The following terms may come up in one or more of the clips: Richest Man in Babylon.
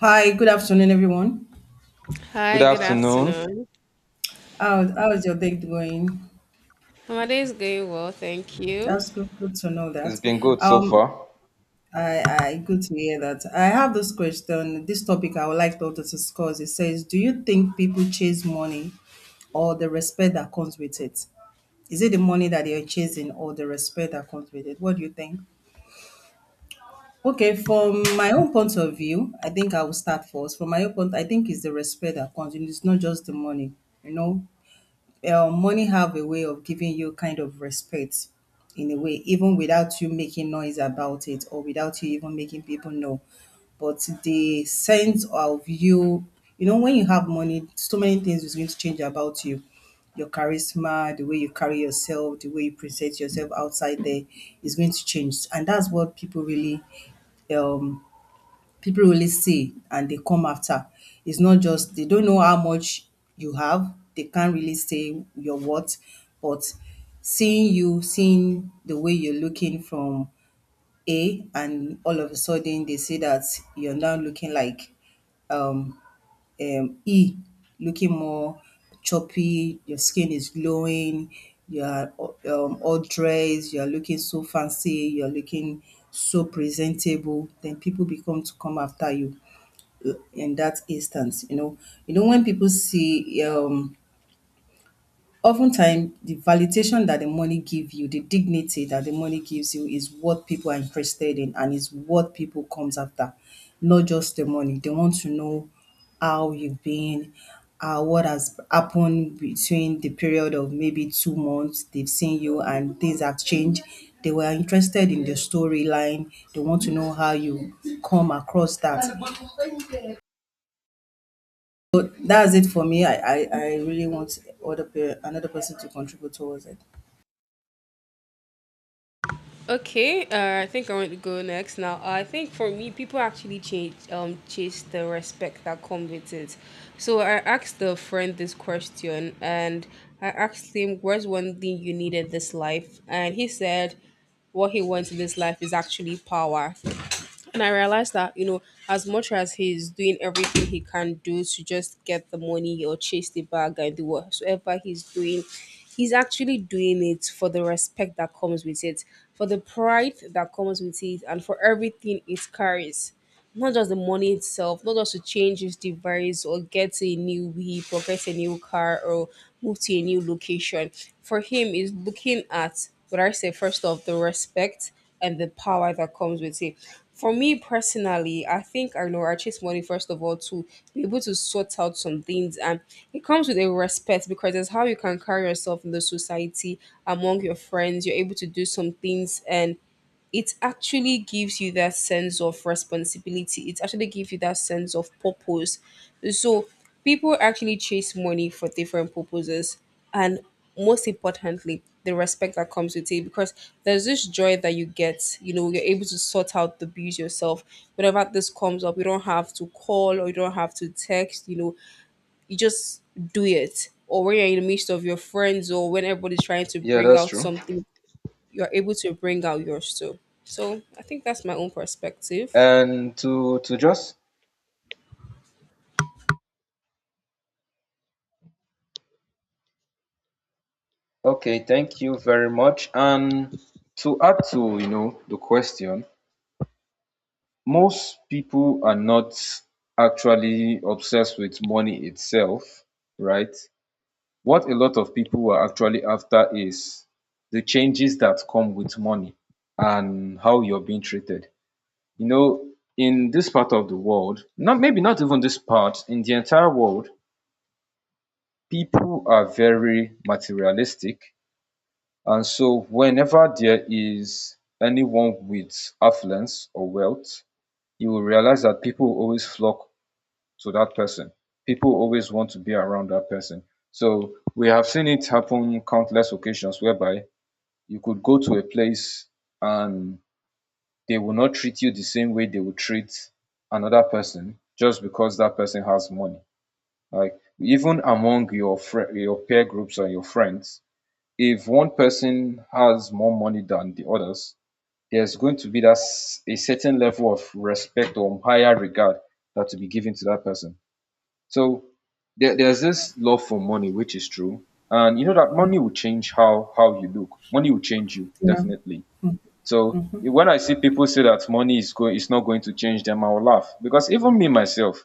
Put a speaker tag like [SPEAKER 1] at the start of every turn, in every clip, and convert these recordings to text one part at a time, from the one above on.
[SPEAKER 1] Hi, good afternoon, everyone.
[SPEAKER 2] Good
[SPEAKER 3] Hi, good
[SPEAKER 2] afternoon.
[SPEAKER 3] afternoon.
[SPEAKER 1] How is your day going?
[SPEAKER 3] My day is going well, thank you.
[SPEAKER 1] That's good, good to know
[SPEAKER 2] It's
[SPEAKER 1] that.
[SPEAKER 2] been good so
[SPEAKER 1] Um,
[SPEAKER 2] far.
[SPEAKER 1] I good to hear that. I have this question, this topic I would like to discuss. It says, do you think people chase money or the respect that comes with it? Is it the money that they are chasing or the respect that comes with it? What do you think? Okay, from my own point of view, I think I will start first. From my own point, I think it's the respect that comes, and it's not just the money. You know, money have a way of giving you kind of respect in a way, even without you making noise about it or without you even making people know. But the sense of you, you know, when you have money, so many things is going to change about you. Your charisma, the way you carry yourself, the way you present yourself outside there is going to change. And that's what um people really see and they come after. It's not just they don't know how much you have. They can't really say your worth, but seeing you, seeing the way you're looking from A, and all of a sudden they see that you're now looking like um, E, looking more choppy. Your skin is glowing. You are all dressed. You are looking so fancy. You are looking so presentable. Then people become to come after you in that instance, you know, when people see, oftentimes the validation that the money give you, the dignity that the money gives you, is what people are interested in and is what people comes after. Not just the money, they want to know how you've been, what has happened between the period of maybe 2 months they've seen you and things have changed. They were interested in the storyline, they want to know how you come across that. So that's it for me. I really want another person to contribute towards it.
[SPEAKER 3] Okay, I think I want to go next now. I think for me, people actually chase the respect that comes with it. So I asked a friend this question, and I asked him, "Where's one thing you need in this life?" And he said, "What he wants in this life is actually power." And I realized that, you know, as much as he's doing everything he can do to just get the money or chase the bag and do whatsoever he's doing, he's actually doing it for the respect that comes with it, for the pride that comes with it, and for everything it carries, not just the money itself, not just to change his device or get a new vehicle, get a new car, or move to a new location. For him, is looking at what I say first of the respect and the power that comes with it. For me personally, I think I know I chase money first of all to be able to sort out some things, and it comes with a respect because it's how you can carry yourself in the society among your friends. You're able to do some things and it actually gives you that sense of responsibility. It actually gives you that sense of purpose. So people actually chase money for different purposes, and most importantly, the respect that comes with it. Because there's this joy that you get. You know, you're able to sort out the bills yourself. Whenever this comes up, you don't have to call or you don't have to text. You know, you just do it. Or when you're in the midst of your friends, or when everybody's trying to
[SPEAKER 2] Yeah,
[SPEAKER 3] bring
[SPEAKER 2] that's
[SPEAKER 3] out
[SPEAKER 2] true.
[SPEAKER 3] something, you're able to bring out yours too. So I think that's my own perspective.
[SPEAKER 2] And to thank you very much. And to add to the question, most people are not actually obsessed with money itself, right? What a lot of people are actually after is the changes that come with money and how you're being treated. You know, in this part of the world, not maybe not even this part, in the entire world, people are very materialistic, and so whenever there is anyone with affluence or wealth, you will realize that people always flock to that person. People always want to be around that person. So we have seen it happen countless occasions whereby you could go to a place and they will not treat you the same way they would treat another person just because that person has money. Like, even among your friend, your peer groups or your friends, if one person has more money than the others, there's going to be a certain level of respect or higher regard that to be given to that person. So there's this love for money, which is true. And you know that money will change how you look. Money will change you,
[SPEAKER 1] Yeah,
[SPEAKER 2] definitely. So when I see people say that money is going, it's not going to change them, I will laugh, because even me myself,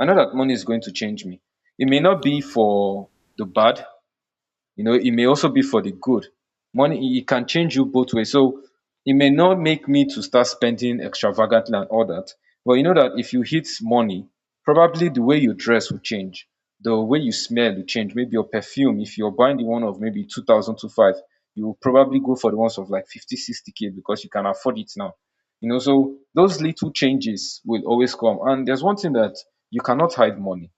[SPEAKER 2] I know that money is going to change me. It may not be for the bad, you know, it may also be for the good. Money, it can change you both ways. So it may not make me to start spending extravagantly and all that. But you know that if you hit money, probably the way you dress will change. The way you smell will change. Maybe your perfume, if you're buying the one of maybe 2000 to 5, you will probably go for the ones of like 50-60k k, because you can afford it now. You know, so those little changes will always come. And there's one thing that you cannot hide money.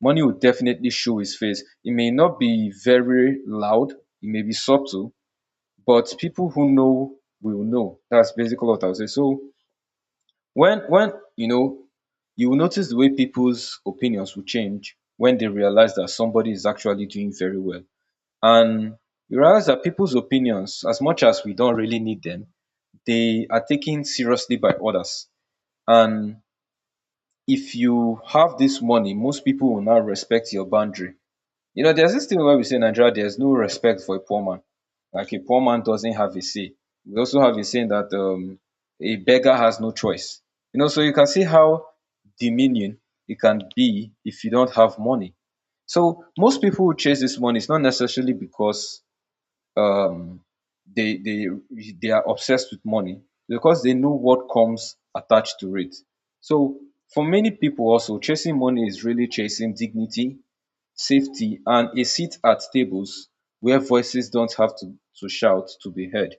[SPEAKER 2] Money will definitely show his face. It may not be very loud, it may be subtle, but people who know will know. That's basically what I'll say. So when you know, you will notice the way people's opinions will change when they realize that somebody is actually doing very well. And you realize that people's opinions, as much as we don't really need them, they are taken seriously by others. And if you have this money, most people will now respect your boundary. You know, there's this thing where we say in Nigeria there's no respect for a poor man. Like, a poor man doesn't have a say. We also have a saying that a beggar has no choice. You know, so you can see how demeaning it can be if you don't have money. So most people who chase this money, it's not necessarily because um, they they they are obsessed with money, because they know what comes attached to it. So for many people also, chasing money is really chasing dignity, safety, and a seat at tables where voices don't have to shout to be heard.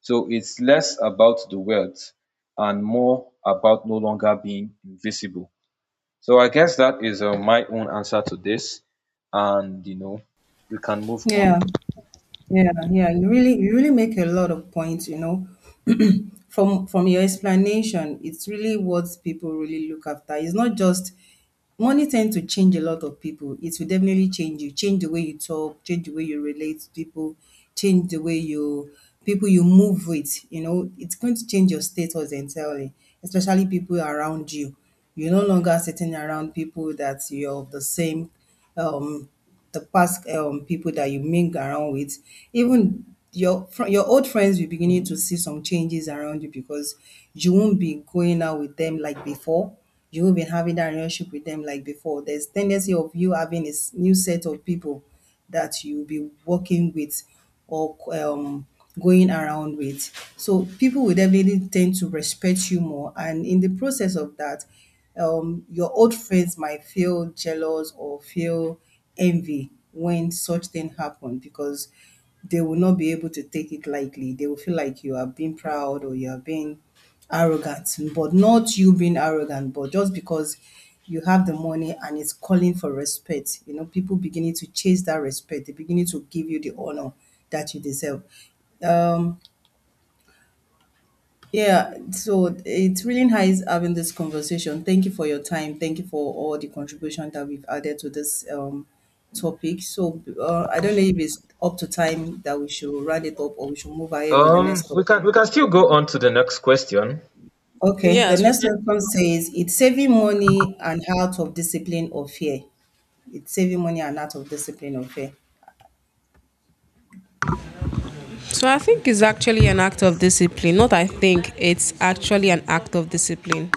[SPEAKER 2] So it's less about the wealth and more about no longer being invisible. So I guess that is my own answer to this, and you know we can move on.
[SPEAKER 1] yeah, yeah. You really make a lot of points. You know, from your explanation, it's really what people really look after. It's not just money tend to change a lot of people. It will definitely change you, change the way you talk, change the way you relate to people, change the way you people you move with. You know, it's going to change your status entirely, especially people around you. You're no longer sitting around people that you're of the same um the past people that you mingle around with, even your old friends will beginning to see some changes around you because you won't be going out with them like before. You won't be having that relationship with them like before. There's tendency of you having a new set of people that you'll be working with or going around with. So people will definitely tend to respect you more. And in the process of that, your old friends might feel jealous or feel envy when such thing happen because they will not be able to take it lightly. They will feel like you are being proud or you are being arrogant, but not you being arrogant, but just because you have the money and it's calling for respect. You know, people beginning to chase that respect. They beginning to give you the honor that you deserve. Um, yeah, so it's really nice having this conversation. Thank you for your time. Thank you for all the contribution that we've added to this topic. So I don't know if it's up to time that we should round it up or we should move ahead with the next topic.
[SPEAKER 2] We can still go on to the next question.
[SPEAKER 1] Okay, the
[SPEAKER 3] Yes, we
[SPEAKER 1] next
[SPEAKER 3] can.
[SPEAKER 1] one says it's saving money and out of discipline or fear. It's saving money and out of discipline or fear.
[SPEAKER 3] So I think it's actually an act of discipline. Not I think it's actually an act of discipline.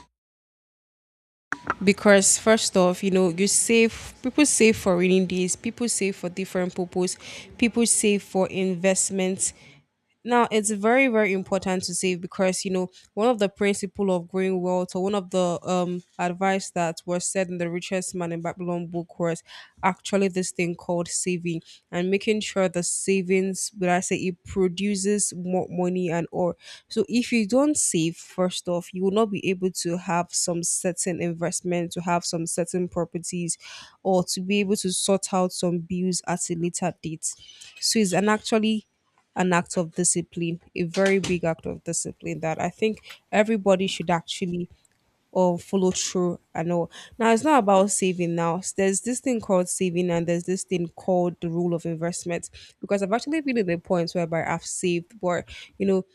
[SPEAKER 3] Because first off, you know, you save, people save for rainy days, people save for different purpose, people save for investments. Now, it's very, very important to save because, you know, one of the principle of growing wealth, or one of the advice that was said in the Richest Man in Babylon book, was actually this thing called saving, and making sure the savings, would I say, it produces more money and or. So if you don't save, first off, you will not be able to have some certain investment, to have some certain properties, or to be able to sort out some bills at a later date. So it's an actually an act of discipline, a very big act of discipline that I think everybody should actually or follow through and all. Now it's not about saving now. There's this thing called saving and there's this thing called the rule of investment. Because I've actually been in the point whereby I've saved, but you know,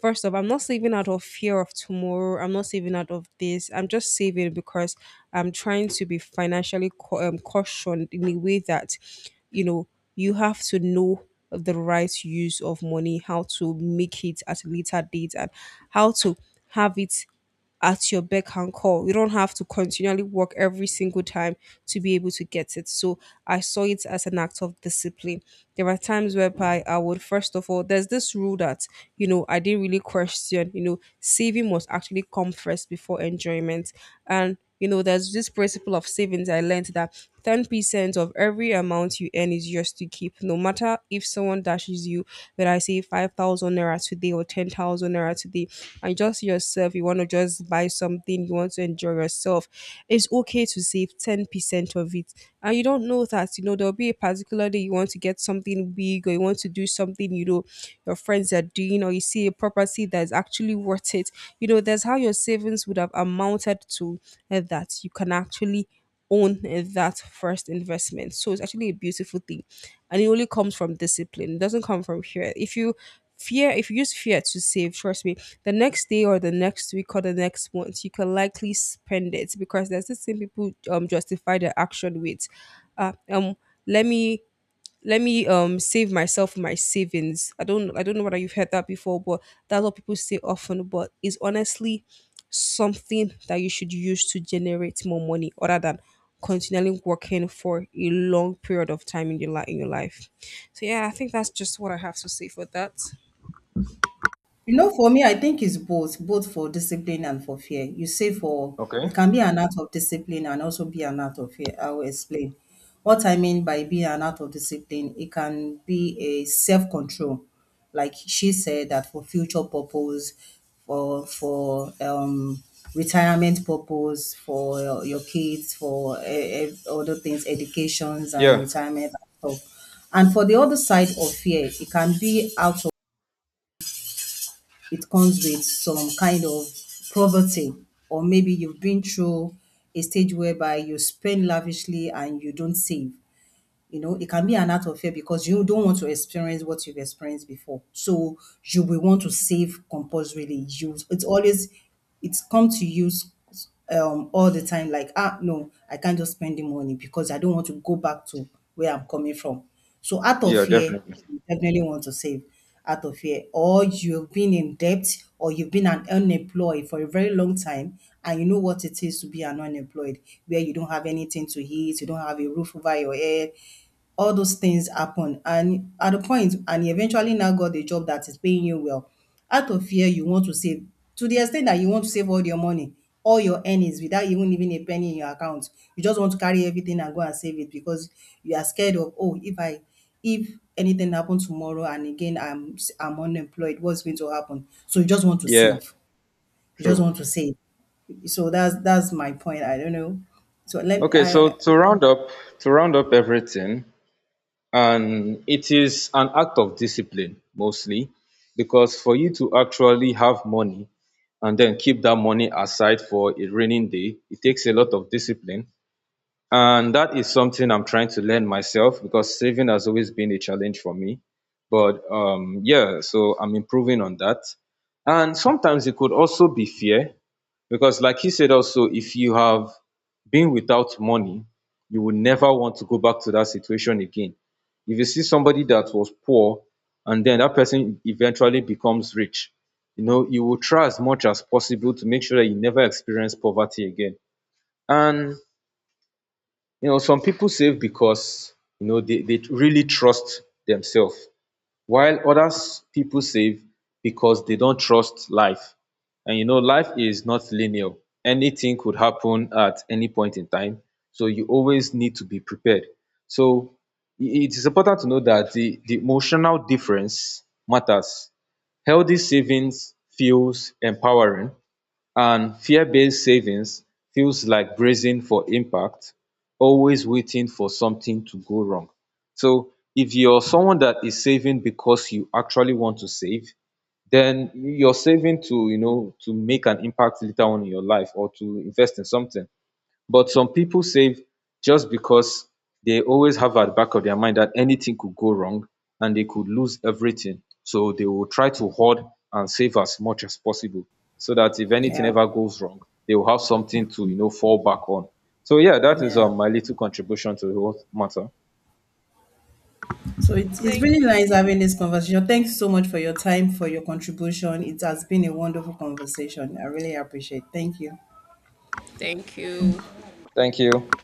[SPEAKER 3] first off, I'm not saving out of fear of tomorrow. I'm not saving out of this. I'm just saving because I'm trying to be financially cautioned in a way that, you know, you have to know the right use of money, how to make it at a later date, and how to have it at your beck and call. You don't have to continually work every single time to be able to get it. So I saw it as an act of discipline. There are times whereby I would, first of all, there's this rule that, you know, I didn't really question, you know, saving must actually come first before enjoyment. And you know there's this principle of savings, I learned that 10% of every amount you earn is yours to keep, no matter if someone dashes you, whether I say 5,000 naira today or 10,000 naira today, and just yourself, you want to just buy something, you want to enjoy yourself, it's okay to save 10% of it. And you don't know that, you know, there'll be a particular day you want to get something big, or you want to do something, you know, your friends are doing, or you see a property that is actually worth it. You know, there's how your savings would have amounted to, that you can actually own, that first investment. So it's actually a beautiful thing. And it only comes from discipline. It doesn't come from fear. If you fear, if you use fear to save, trust me, the next day or the next week or the next month you can likely spend it, because there's this thing people justify their action with. uh, um let me let me save myself my savings. I don't know whether you've heard that before, but that's what people say often. But it's honestly something that you should use to generate more money, other than continually working for a long period of time in your life. So yeah, I think that's just what I have to say for that.
[SPEAKER 1] You know, for me, I think it's both, both for discipline and for fear. You say for
[SPEAKER 2] Okay.
[SPEAKER 1] it can be an act of discipline and also be an act of fear. I will explain. What I mean by being an act of discipline, it can be a self-control. Like she said that for future purpose, for retirement purpose, for your kids, for other things, educations and
[SPEAKER 2] Yeah.
[SPEAKER 1] retirement and stuff. And for the other side of fear, it can be out it comes with some kind of poverty, or maybe you've been through a stage whereby you spend lavishly and you don't save. You know, it can be an act of fear because you don't want to experience what you've experienced before. So you will want to save compulsorily. You, it's always, it's come to use all the time like, ah, no, I can't just spend the money because I don't want to go back to where I'm coming from. So out of
[SPEAKER 2] Yeah,
[SPEAKER 1] fear
[SPEAKER 2] definitely.
[SPEAKER 1] you definitely want to save out of here, or you've been in debt or you've been an unemployed for a very long time and you know what it is to be an unemployed where you don't have anything to eat, you don't have a roof over your head. All those things happen, and at the point and you eventually now got a job that is paying you well, out of fear you want to save, to the extent that you want to save all your money, all your earnings without even leaving a penny in your account. You just want to carry everything and go and save it because you are scared of, "Oh, if anything happens tomorrow and again I'm unemployed, what's going to happen?" So you just want to
[SPEAKER 2] Yeah.
[SPEAKER 1] save. You just
[SPEAKER 2] True.
[SPEAKER 1] want to save. So that's my point. I don't know. So let
[SPEAKER 2] Okay. So
[SPEAKER 1] I
[SPEAKER 2] to round up everything, and it is an act of discipline mostly, because for you to actually have money and then keep that money aside for a raining day, it takes a lot of discipline. And that is something I'm trying to learn myself, because saving has always been a challenge for me, but yeah, so I'm improving on that. And sometimes it could also be fear, because like he said also, if you have been without money, you will never want to go back to that situation again. If you see somebody that was poor, and then that person eventually becomes rich, you know, you will try as much as possible to make sure that you never experience poverty again. And, you know, some people save because, you know, they really trust themselves, while others people save because they don't trust life. And you know, life is not linear. Anything could happen at any point in time. So you always need to be prepared. So it is important to know that the emotional difference matters. Healthy savings feels empowering, and fear-based savings feels like bracing for impact, always waiting for something to go wrong. So if you're someone that is saving because you actually want to save, then you're saving to, you know, to make an impact later on in your life, or to invest in something. But some people save just because they always have at the back of their mind that anything could go wrong and they could lose everything. So they will try to hoard and save as much as possible, so that if anything
[SPEAKER 1] yeah.
[SPEAKER 2] ever goes wrong, they will have something to, you know, fall back on. So yeah, that is
[SPEAKER 1] Yeah.
[SPEAKER 2] my little contribution to the whole matter.
[SPEAKER 1] So it's really
[SPEAKER 3] Thank
[SPEAKER 1] nice having this conversation. Thanks so much for your time, for your contribution. It has been a wonderful conversation. I really appreciate. Thank you.
[SPEAKER 3] Thank you.
[SPEAKER 2] Thank you.